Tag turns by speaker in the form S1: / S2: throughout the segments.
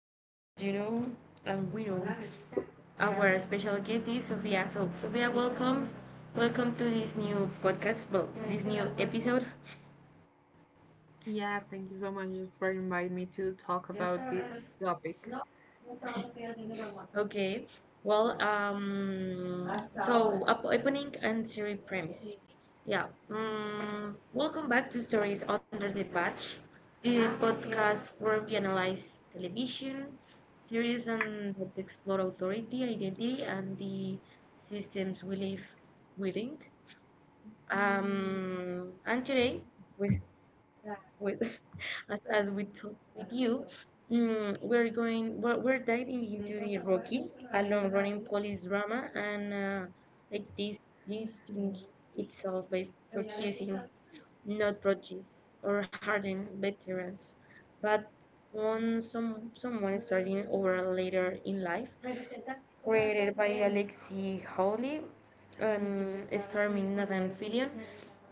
S1: As you know, and we know, our special guest is Sofia. So, Sofia, welcome, welcome to this new podcast, well, this new episode.
S2: Yeah, thank you so much just for inviting me to
S1: Dios te
S2: talk
S1: habrá
S2: about
S1: res-
S2: this
S1: No,
S2: topic.
S1: no sabes que yo soy number one. Okay. Well, Hasta so ahora up opening and series premise. Sí. Yeah. Welcome back to Stories Under the Patch, the podcast where we analyze television series and explore authority, identity, and the systems we live within. And today, with Yeah. with as we talk with you, we're diving into the Rocky, a long running police drama, and like this thing itself by focusing not prejudice or hardened veterans, but on someone starting over later in life, created by Alexi Hawley and starring Nathan Fillion.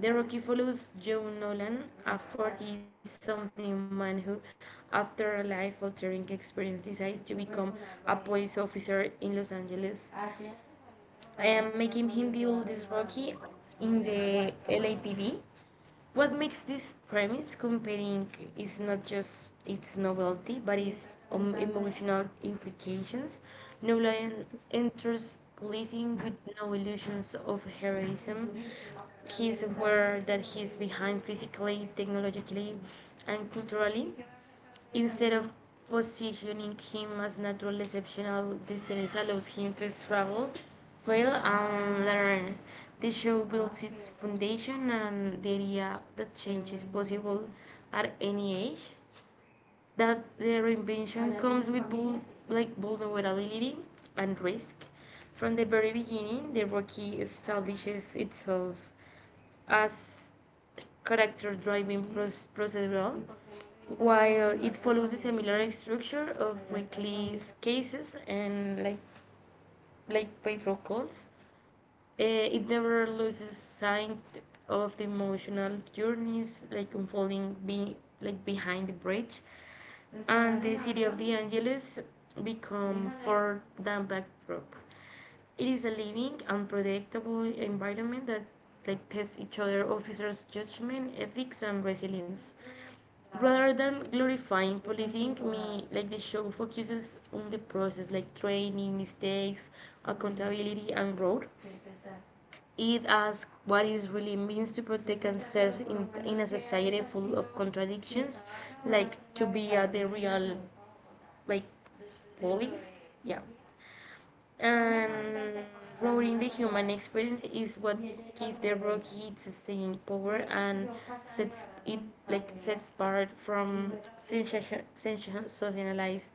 S1: The Rocky follows Joe Nolan, a 40-something man who, after a life-altering experience, decides to become a police officer in Los Angeles, making him the oldest Rocky in the LAPD. What makes this premise compelling is not just its novelty, but its emotional implications. Nolan enters policing with no illusions of heroism. He's aware that he's behind physically, technologically, and culturally. Instead of positioning him as natural exceptional, the series allows him to travel, fail, and learn. The show builds its foundation and the idea that change is possible at any age, that the reinvention comes with like vulnerability and risk. From the very beginning, the Rocky establishes itself as character driving procedural, while it follows a similar structure of weekly cases and like patrol calls. It never loses sight of the emotional journeys like unfolding like behind the bridge, and the city of the Angeles become for the backdrop. It is a living, unpredictable environment that like tests each other officers' judgment, ethics, and resilience rather than glorifying policing me like the show focuses on the process like training mistakes accountability and growth. It asks what it really means to protect and serve in a society full of contradictions like to be a the real like police. Yeah. And growing the human experience is what gives the rocky its staying power and sets it like sets apart from sensationalized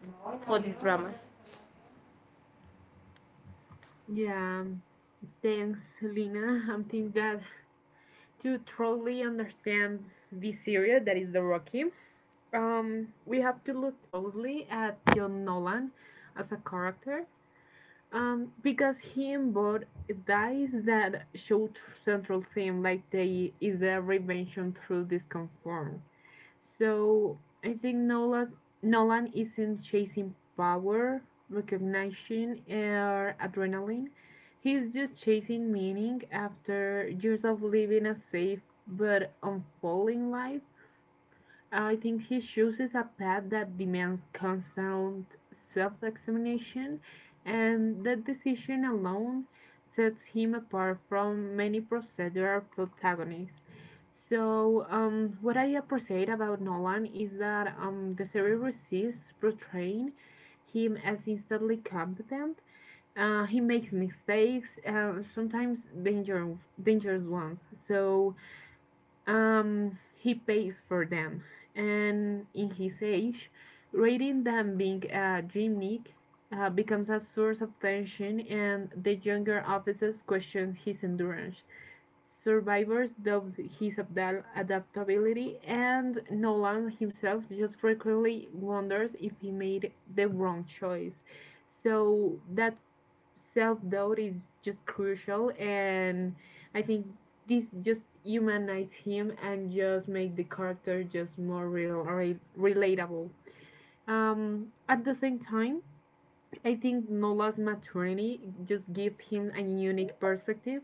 S1: police dramas.
S2: Yeah, thanks, Lina. I think that to truly understand this area that is the Rocky, we have to look closely at John Nolan as a character, because he embodies that is that show central theme, like the is the revenge through discomfort. So I think Nolan isn't chasing power, recognition, or adrenaline. He's just chasing meaning after years of living a safe but unfolding life. I think he chooses a path that demands constant self examination, and that decision alone sets him apart from many procedural protagonists. So, what I appreciate about Nolan is that the series resists portraying him as instantly competent. He makes mistakes, sometimes dangerous ones. So, he pays for them, and in his age, rating them being a gimmick becomes a source of tension, and the younger officers question his endurance. Survivors doubt his adaptability, and Nolan himself just frequently wonders if he made the wrong choice. So that self doubt is just crucial, and I think this just humanites him and just make the character just more real, relatable. At the same time, I think Nola's maturity just gives him a unique perspective,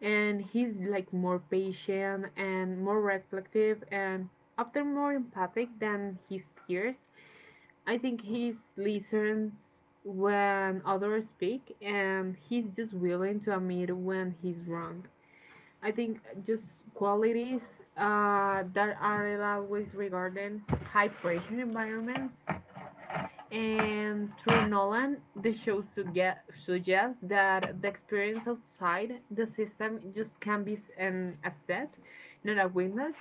S2: and he's like more patient and more reflective and often more empathic than his peers. I think he listens when others speak and he's just willing to admit when he's wrong. I think just qualities that are always regarding high pressure environments. And through Nolan, the show suggests that the experience outside the system just can be an asset, not a weakness.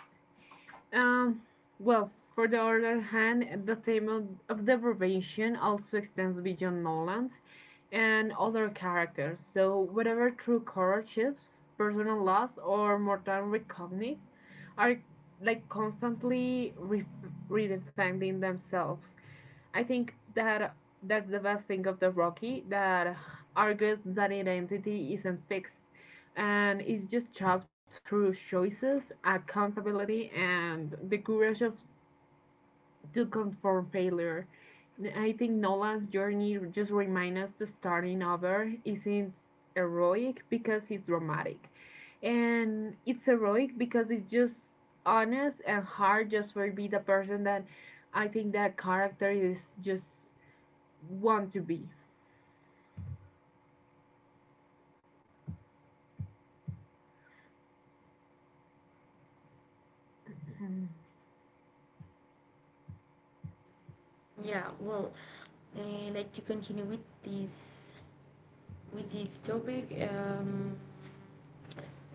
S2: Um, well, for the other hand, the theme of, deprivation also extends beyond Noland and other characters, so whatever true hardships, personal loss, or mortal reckoning are like constantly redefining themselves. I think that that's the best thing of the Rocky that argues that identity isn't fixed and is just chopped through choices, accountability, and the courage of to confront failure. I think Nolan's journey just reminds us that starting over isn't heroic because it's dramatic, and it's heroic because it's just honest and hard just for be the person that I think that character is just want to be.
S1: Yeah, well, uh, like to continue with this topic.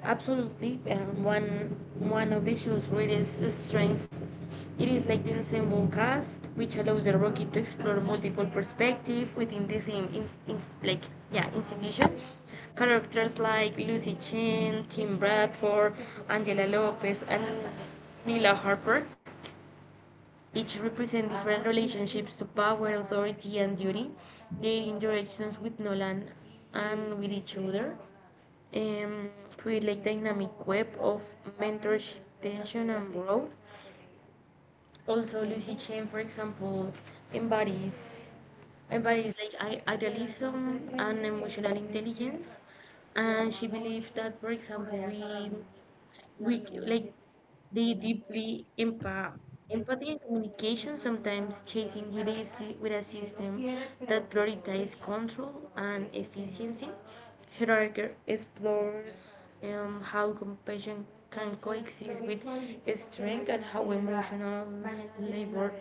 S1: Absolutely, one of the show's greatest strengths it is like the ensemble cast, which allows the Rocky to explore multiple perspectives within the same in like yeah institution. Characters like Lucy Chen, Tim Bradford, Angela Lopez, and Mila Harper each represent different relationships to power, authority, and duty, their interactions with Nolan and with each other, um, create like dynamic web of mentorship, tension, and growth. Also, Lucy Chen, for example, embodies embodies like idealism and emotional intelligence, and she believes that, for example, like they deeply empathy and communication sometimes chasing with with a system that prioritizes control and efficiency. Heidegger explores how compassion can coexist with strength and how emotional labor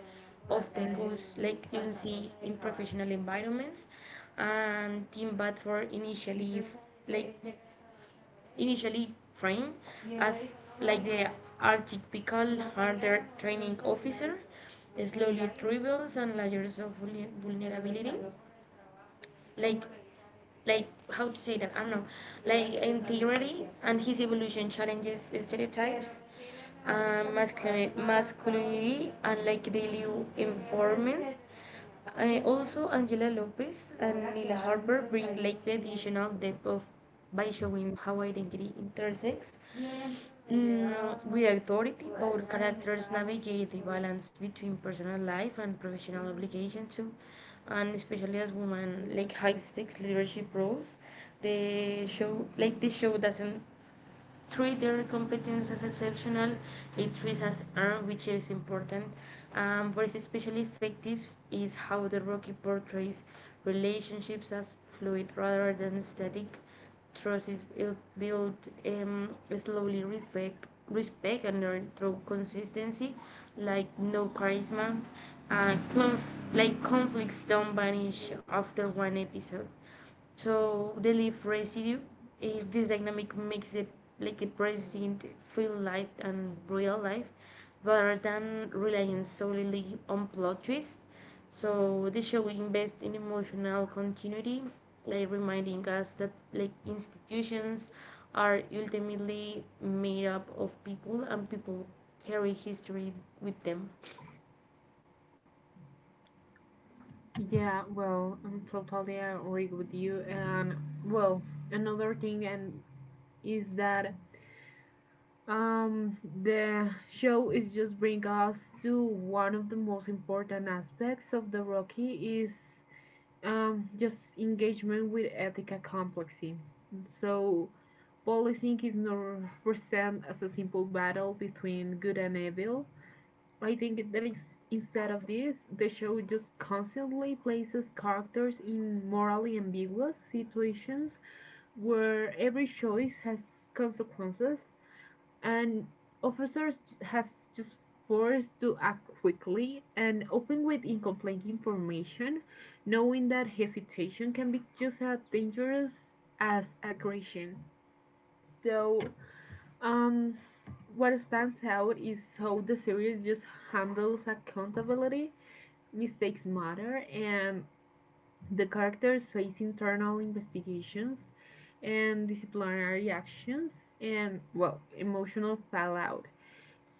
S1: often goes like you see in professional environments and team but for initially like initially trained as like the archetypical hunter training officer, slowly reveals and layers of vulnerability, like like how to say that I don't know, like integrity and his evolution challenges stereotypes, masculinity, and like daily informance. Also, Angela Lopez and Nila Harper bring like the additional depth of by showing how identity intersects with authority, both characters navigate the balance between personal life and professional obligation too, and especially as women like high stakes leadership roles, the show like the show doesn't treat their competence as exceptional. It treats as art, which is important. What is especially effective is how the Rocky portrays relationships as fluid rather than static. Trust is built slowly, respect and learn through consistency, like no charisma. Like conflicts don't vanish after one episode. So they leave residue. This dynamic makes it like a present feel life and real life rather than relying solely on plot twists. So the show invests in emotional continuity, like reminding us that like institutions are ultimately made up of people and people carry history with them.
S2: Yeah, well, I'm totally agree with you. And well, another thing and is that um the show is just bring us to one of the most important aspects of the Rocky is just engagement with ethical complexity. So policing is not present as a simple battle between good and evil. I think that is instead of this, the show just constantly places characters in morally ambiguous situations where every choice has consequences and officers has just forced to act quickly and often with incomplete information, knowing that hesitation can be just as dangerous as aggression. So um, what stands out is how the series just handles accountability, mistakes matter, and the characters face internal investigations and disciplinary actions and, well, emotional fallout.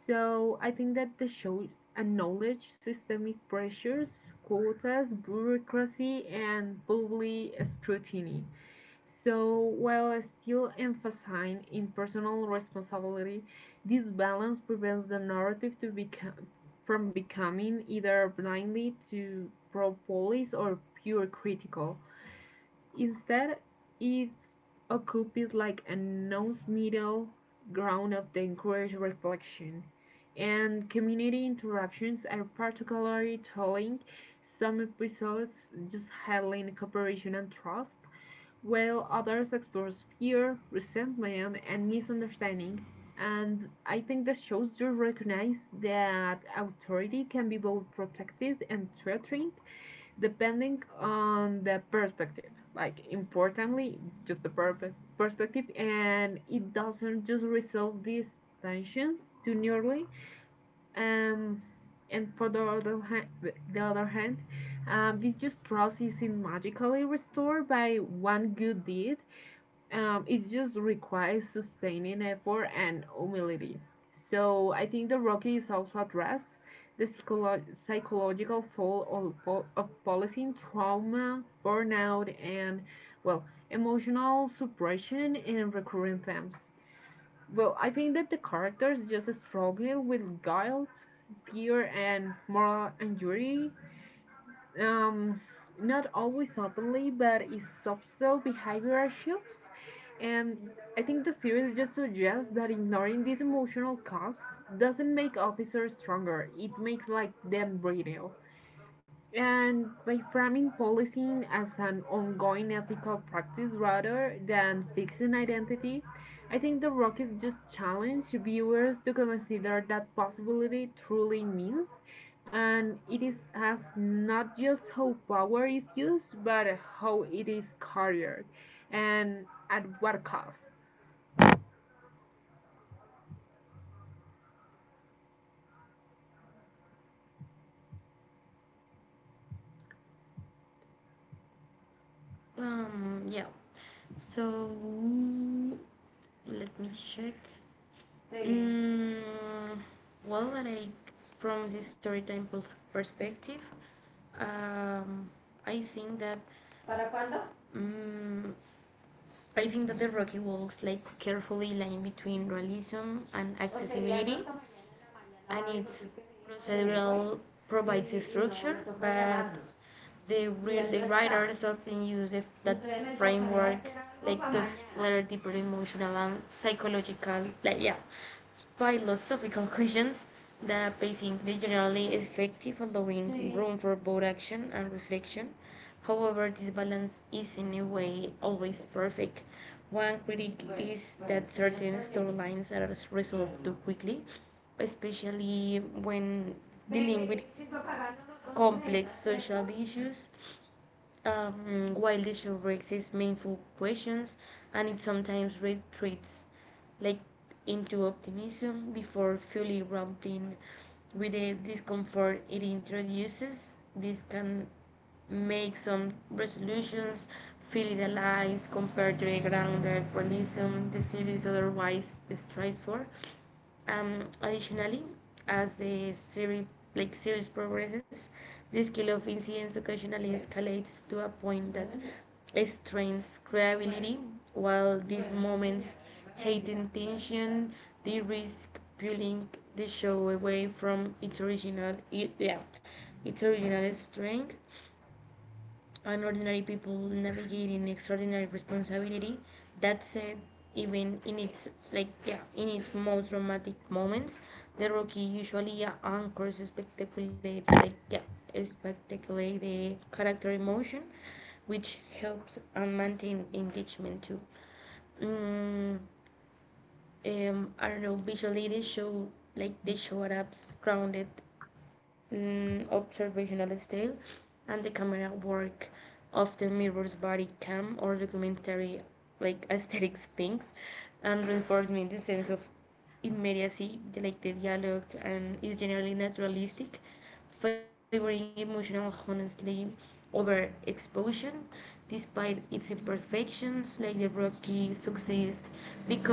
S2: So I think that the show acknowledges systemic pressures, quotas, bureaucracy, and public scrutiny. So, while still emphasizing impersonal responsibility, this balance prevents the narrative from becoming either blindly to pro police or pure critical. Instead, it occupies like a nose middle ground of the encouraged reflection. And community interactions are particularly telling. Some episodes just highlight cooperation and trust, while others explores fear, resentment, and misunderstanding. And I think this shows do recognize that authority can be both protective and threatening, depending on the perspective. Like, importantly, just the perspective, and it doesn't just resolve these tensions too nearly. Um, and for the other hand, this just trust isn't magically restored by one good deed. It just requires sustaining effort and humility. So I think the Rocky is also address the psychological toll of, of policing trauma, burnout, and well, emotional suppression and recurring themes. Well, I think that the characters just struggle with guilt, fear, and moral injury um, not always openly, but is subtle behavioral shifts. And I think the series just suggests that ignoring these emotional costs doesn't make officers stronger. It makes like them brittle. And by framing policing as an ongoing ethical practice rather than fixing identity, I think the rock is just challenge viewers to consider that possibility truly means. And it is as not just how power is used, but how it is carried and at what cost.
S1: Yeah. So let me check. Mm, well, like from the perspective, um, I think that ¿para cuándo? mm, I think that the Rocky walks like carefully line between realism and O sería accessibility, hasta mañana en la mañana, and Mari, its porque es que me dijo que me voy procedural provides a y a no, me structure, tocó but llamarlo the él no the está writers often use the, that Entonces me tocará framework hacer algo like para to mañana explore deeper emotional and psychological, like yeah, philosophical questions that pacing is generally effective, allowing room for both action and reflection. However, this balance is in a way always perfect. One critic is that certain storylines are resolved too quickly, especially when dealing with complex social issues. While the show raises meaningful questions and it sometimes retreats like into optimism before fully rumbling with the discomfort it introduces, this can make some resolutions feel idealized compared to the grounded realism the series otherwise strives for. Additionally, as the series progresses, the scale of incidents occasionally escalates to a point that strains credibility, while these moments heighten tension, they risk pulling the show away from its original, yeah, its original strength and ordinary people navigating extraordinary responsibility. That said, even in its like yeah, in its most dramatic moments, the Rocky usually anchors spectacular like yeah, spectacular the character emotion, which helps and maintain engagement too. Mm, I don't know. Visually, they show Arabs grounded observational style, and the camera work often mirrors body cam or documentary like aesthetic things, and reinforcing the sense of immediacy, like the dialogue, and is generally naturalistic, favoring emotional honesty over exposition, despite its imperfections, like the rocky success, because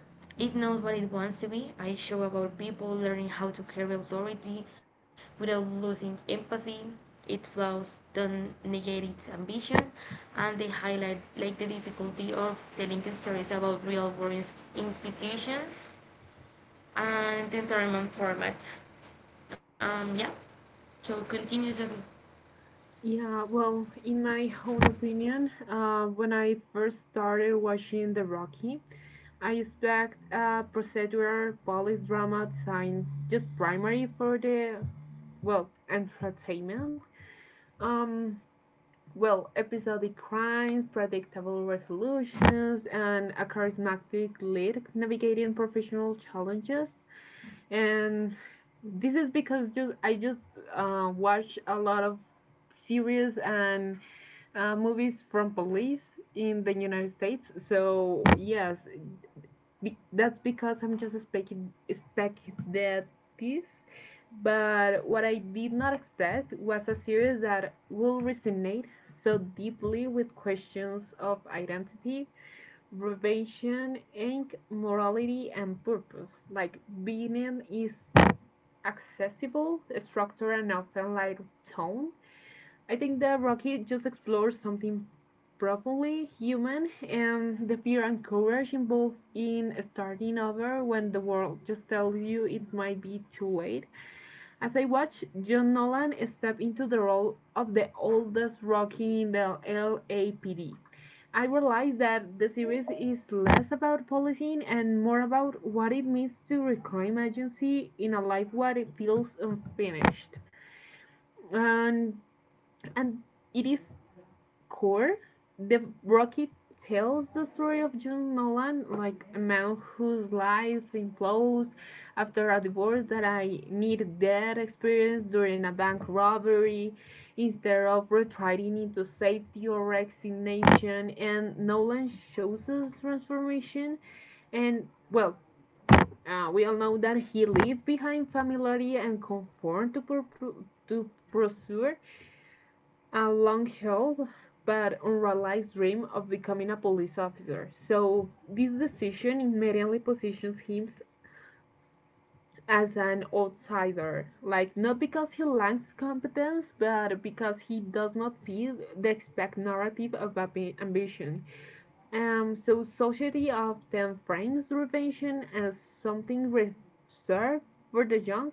S1: it knows what it wants to be. I show about people learning how to carry authority without losing empathy. It flaws don't negate its ambition, and they highlight like the difficulty of telling stories about real world institutions and the environment format. Yeah. So continues.
S2: Yeah, well, in my own opinion, when I first started watching The Rocky, I expect a procedural police drama designed just primary for the, well, entertainment. Um, well, episodic crimes, predictable resolutions, and a charismatic lead navigating professional challenges and this is because just I just watch a lot of series and movies from police in the United States. So yes, that's because I'm just expect that this. But what I did not expect was a series that will resonate so deeply with questions of identity, Revelation ink, morality and purpose. Like Venom is accessible structure and often light tone. I think that Rocky just explores something profoundly human and the fear and courage involved in starting over when the world just tells you it might be too late. As I watched John Nolan step into the role of the oldest Rocky in the LAPD, I realized that the series is less about policing and more about what it means to reclaim agency in a life where it feels unfinished. And, and it is core, the Rocky tells the story of June Nolan, like a man whose life implodes after a divorce that I need that experience during a bank robbery instead of retreating into safety or resignation. And Nolan shows us transformation and well we all know that he left behind familiarity and conform to, to pursue a long held but unrealized dream of becoming a police officer. So, this decision immediately positions him as an outsider. Like, not because he lacks competence, but because he does not fit the expected narrative of ambition. So, society often frames revenge as something reserved for the young,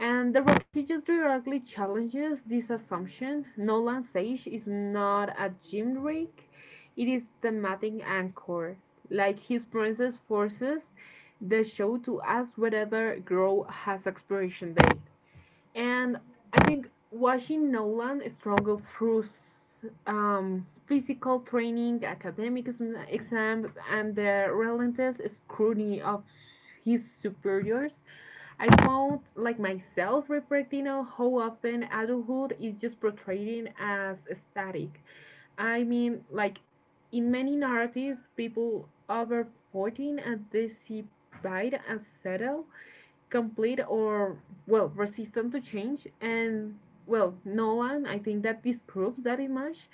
S2: and the Rockages directly challenges this assumption. Nolan Sage is not a gym rig, it is thematic anchor. Like his princess forces the show to ask whether Grow has expiration date. And I think watching Nolan struggle through physical training, academic exams, and the relentless scrutiny of his superiors, I found like myself reflecting on how often adulthood is just portrayed as static. I mean, like in many narratives, people over 14 and they see pride as settled complete or well resistant to change and well Nolan I think that disproves that image.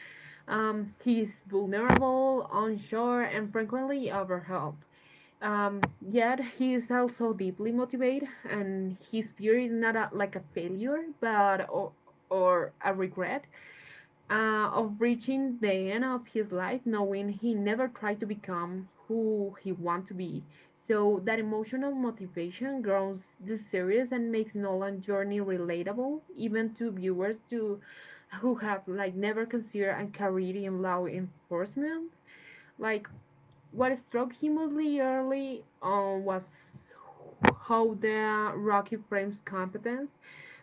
S2: He's vulnerable unsure and frequently overwhelmed. um, yet he is also deeply motivated and his fear is not a, like a failure but or a regret of reaching the end of his life knowing he never tried to become who he wanted to be. So that emotional motivation grows the series and makes Nolan's journey relatable even to viewers to who have like never considered a career in law enforcement. Like what struck him mostly early on was how the Rocky frames competence.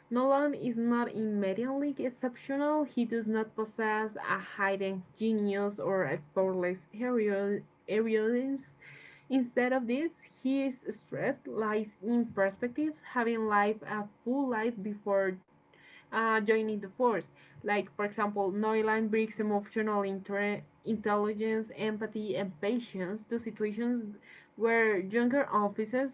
S2: Nolan is not immediately exceptional. He does not possess a hidden genius or a flawless heroism. Instead of this, his strength lies in perspective, having lived a full life before joining the force. Like, for example, Nolan brings emotional intelligence, empathy, and patience to situations where younger officers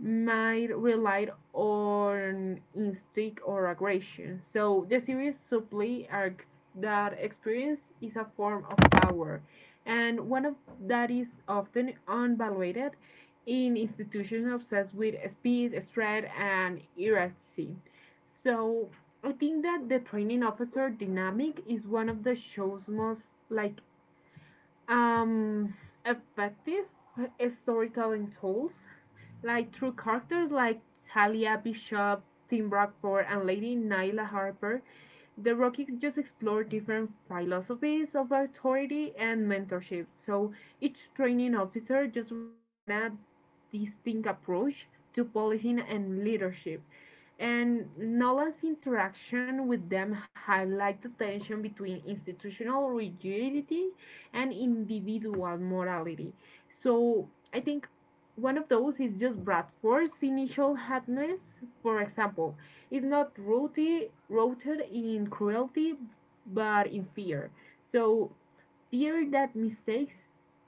S2: might rely on instinct or aggression. So the series subtly argues that experience is a form of power, and one of that is often unvalued in institutions obsessed with speed, strength, and hierarchy. So I think that the training officer dynamic is one of the show's most like um, effective storytelling tools, like through characters like Talia Bishop, Tim Brockport, and Lady Nyla Harper. The Rockies just explore different philosophies of authority and mentorship. So each training officer just represented distinct approach to policing and leadership. And Nolan's interaction with them highlight the tension between institutional rigidity and individual morality. So I think one of those is just Bradford's initial hardness, for example, is not rooted in cruelty but in fear. So fear that mistakes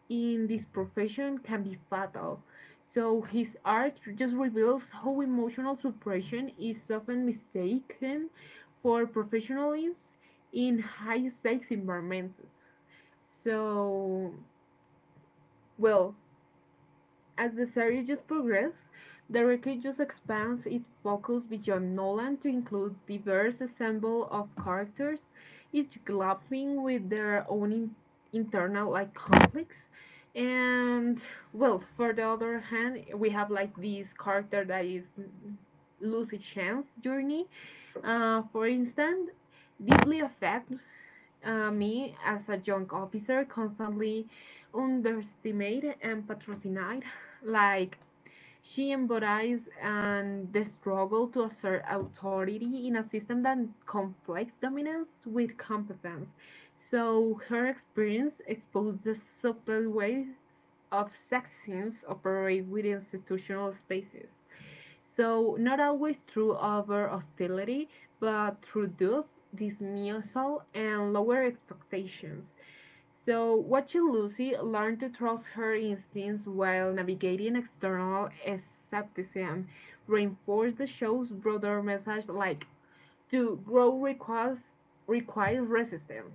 S2: in this profession can be fatal. So his art just reveals how emotional suppression is often mistaken for professionalism in high stakes environments. So, well, as the series progresses, the wreckage expands its focus beyond Nolan to include diverse ensemble of characters, each grappling with their own internal like conflicts. And well, for the other hand, we have like this character that is lose a chance journey. For instance, deeply affect me, as a young officer, constantly underestimated and patronized. Like, she embodies and the struggle to assert authority in a system that conflicts dominance with competence. So, her experience exposed the subtle ways of sexism operate within institutional spaces. So, not always through over hostility, but through doof dismissal, and lower expectations. So, watching Lucy learn to trust her instincts while navigating external skepticism reinforced the show's broader message like to grow requires, requires resistance.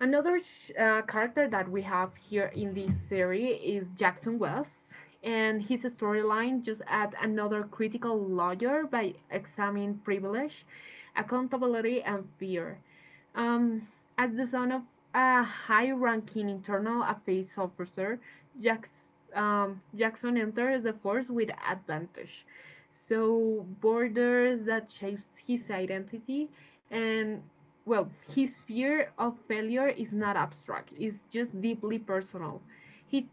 S2: Another character that we have here in this series is Jackson West, and his storyline just adds another critical layer by examining privilege, accountability, and fear. Um, as the son of a high-ranking internal affairs officer, Jackson, Jackson enters the force with advantage. So borders that shapes his identity and well, his fear of failure is not abstract. It's just deeply personal. He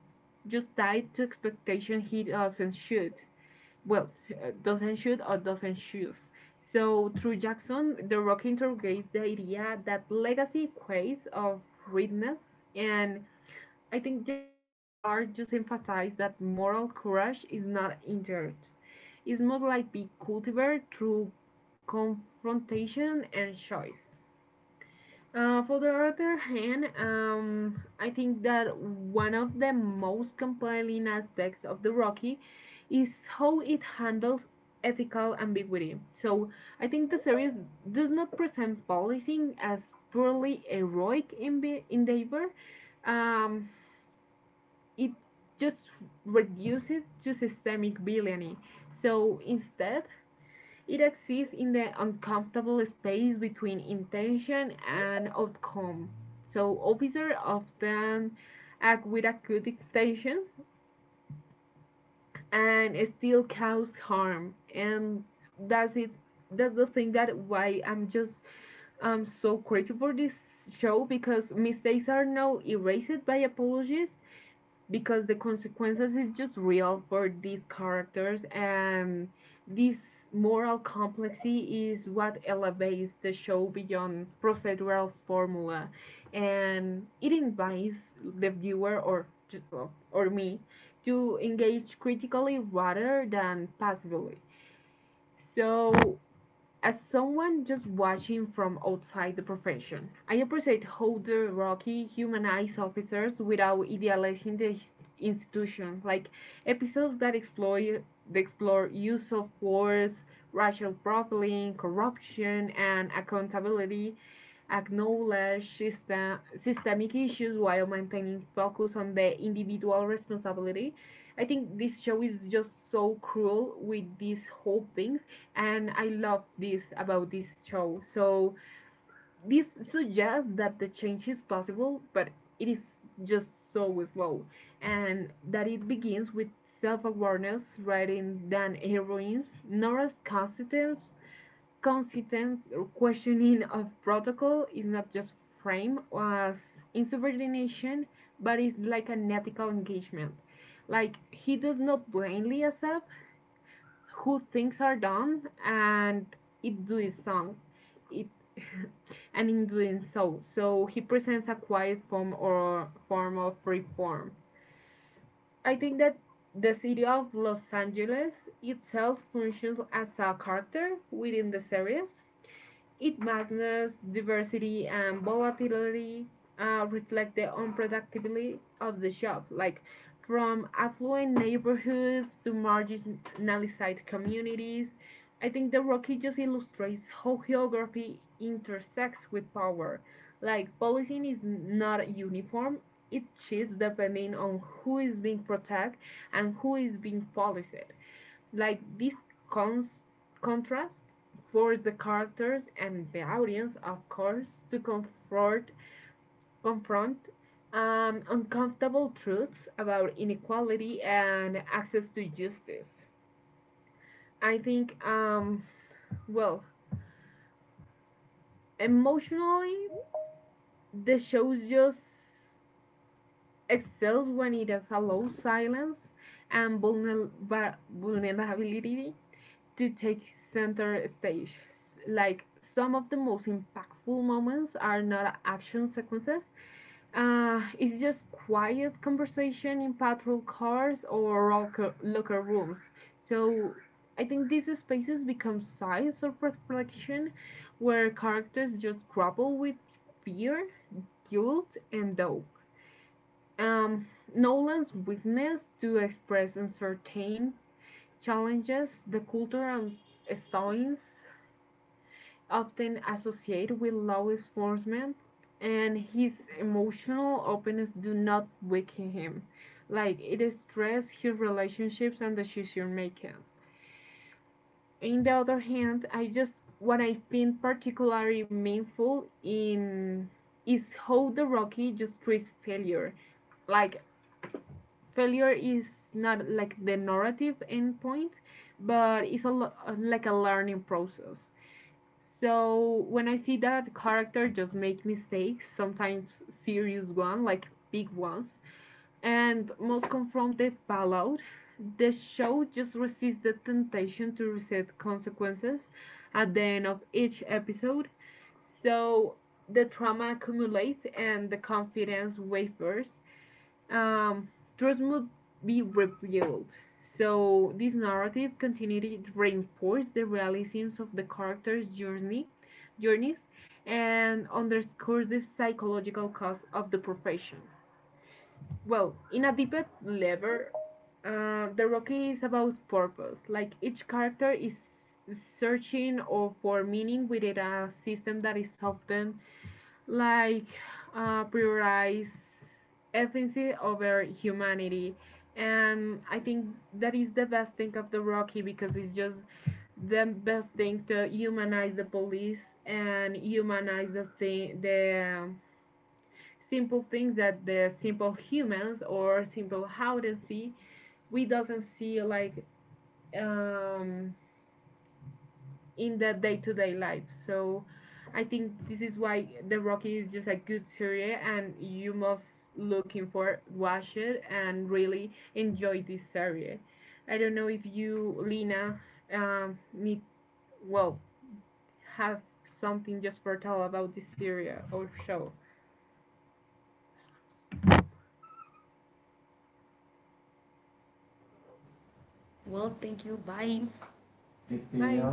S2: just tied to expectation he doesn't shoot well, doesn't shoot or doesn't choose. So through Jackson, the rock interrogates the idea that legacy equates of readiness, and I think just his art just emphasizes that moral courage is not inert. It's most likely cultivated through confrontation and choice. For the other hand, I think that one of the most compelling aspects of the Rocky is how it handles ethical ambiguity. So I think the series does not present policing as purely heroic endeavor. Um, it just reduces it to systemic villainy. So instead, it exists in the uncomfortable space between intention and outcome. So officers often act with acute intentions and still cause harm. And that's it. That's the thing that why I'm so crazy for this show because mistakes are now erased by apologies because the consequences is just real for these characters and this moral complexity is what elevates the show beyond procedural formula and it invites the viewer or me to engage critically rather than passively so as someone just watching from outside the profession, I appreciate how the Rocky humanize officers without idealizing the institution, like episodes that explore use of force, racial profiling, corruption, and accountability, acknowledge systemic issues while maintaining focus on the individual responsibility. I think this show is just so cruel with these whole things and I love this about this show. So this suggests that the change is possible, but it is just so slow, and that it begins with self-awareness rather than heroines. Nora's consistent questioning of protocol is not just framed as insubordination, but it's like an ethical engagement. Like he does not blindly accept who things are done and it doing some it and in doing so he presents a quiet form or form of reform. I think that the city of Los Angeles itself functions as a character within the series. It vastness, diversity, and volatility reflect the unpredictability of the shop, like from affluent neighborhoods to marginalized communities. I think the Rocky just illustrates how geography intersects with power. Like, policing is not uniform, it shifts depending on who is being protected and who is being policed. Like this cons- contrast forced the characters and the audience, of course, to confront uncomfortable truths about inequality and access to justice. I think, well, emotionally, the show just excels when it has allows silence and vulnerability to take center stage. Like some of the most impactful moments are not action sequences. It's just quiet conversation in patrol cars or locker rooms. So I think these spaces become sites of reflection where characters just grapple with fear, guilt, and doubt. Um, Nolan's willingness to express uncertain challenges the culture and stones often associated with law enforcement, and his emotional openness do not weaken him. Like it stresses his relationships and decision making. On the other hand, I just what I find particularly meaningful in is how the Rocky just treats failure. Like failure is not like the narrative endpoint, but it's a like a learning process. So when I see that character just make mistakes, sometimes serious ones, like big ones, and most come from the fallout, the show just resists the temptation to reset consequences at the end of each episode. So the trauma accumulates and the confidence wavers um, trust must be rebuilt. So this narrative continuity reinforced the realisms of the characters' journeys, and underscores the psychological cost of the profession. Well, in a deeper level, the Rocky is about purpose. Like each character is searching or for meaning within a system that is often like prioritize efficiency over humanity and I think that is the best thing of the rocky because it's just the best thing to humanize the police and humanize the thing the simple things that the simple humans or simple how they see we doesn't see like um in the day-to-day life. So I think this is why The Rocky is just a good series and you must looking for watch it and really enjoy this series. I don't know if you Lina need well have something just for tell about this series or show.
S1: Well, thank you. Bye.
S2: Bye.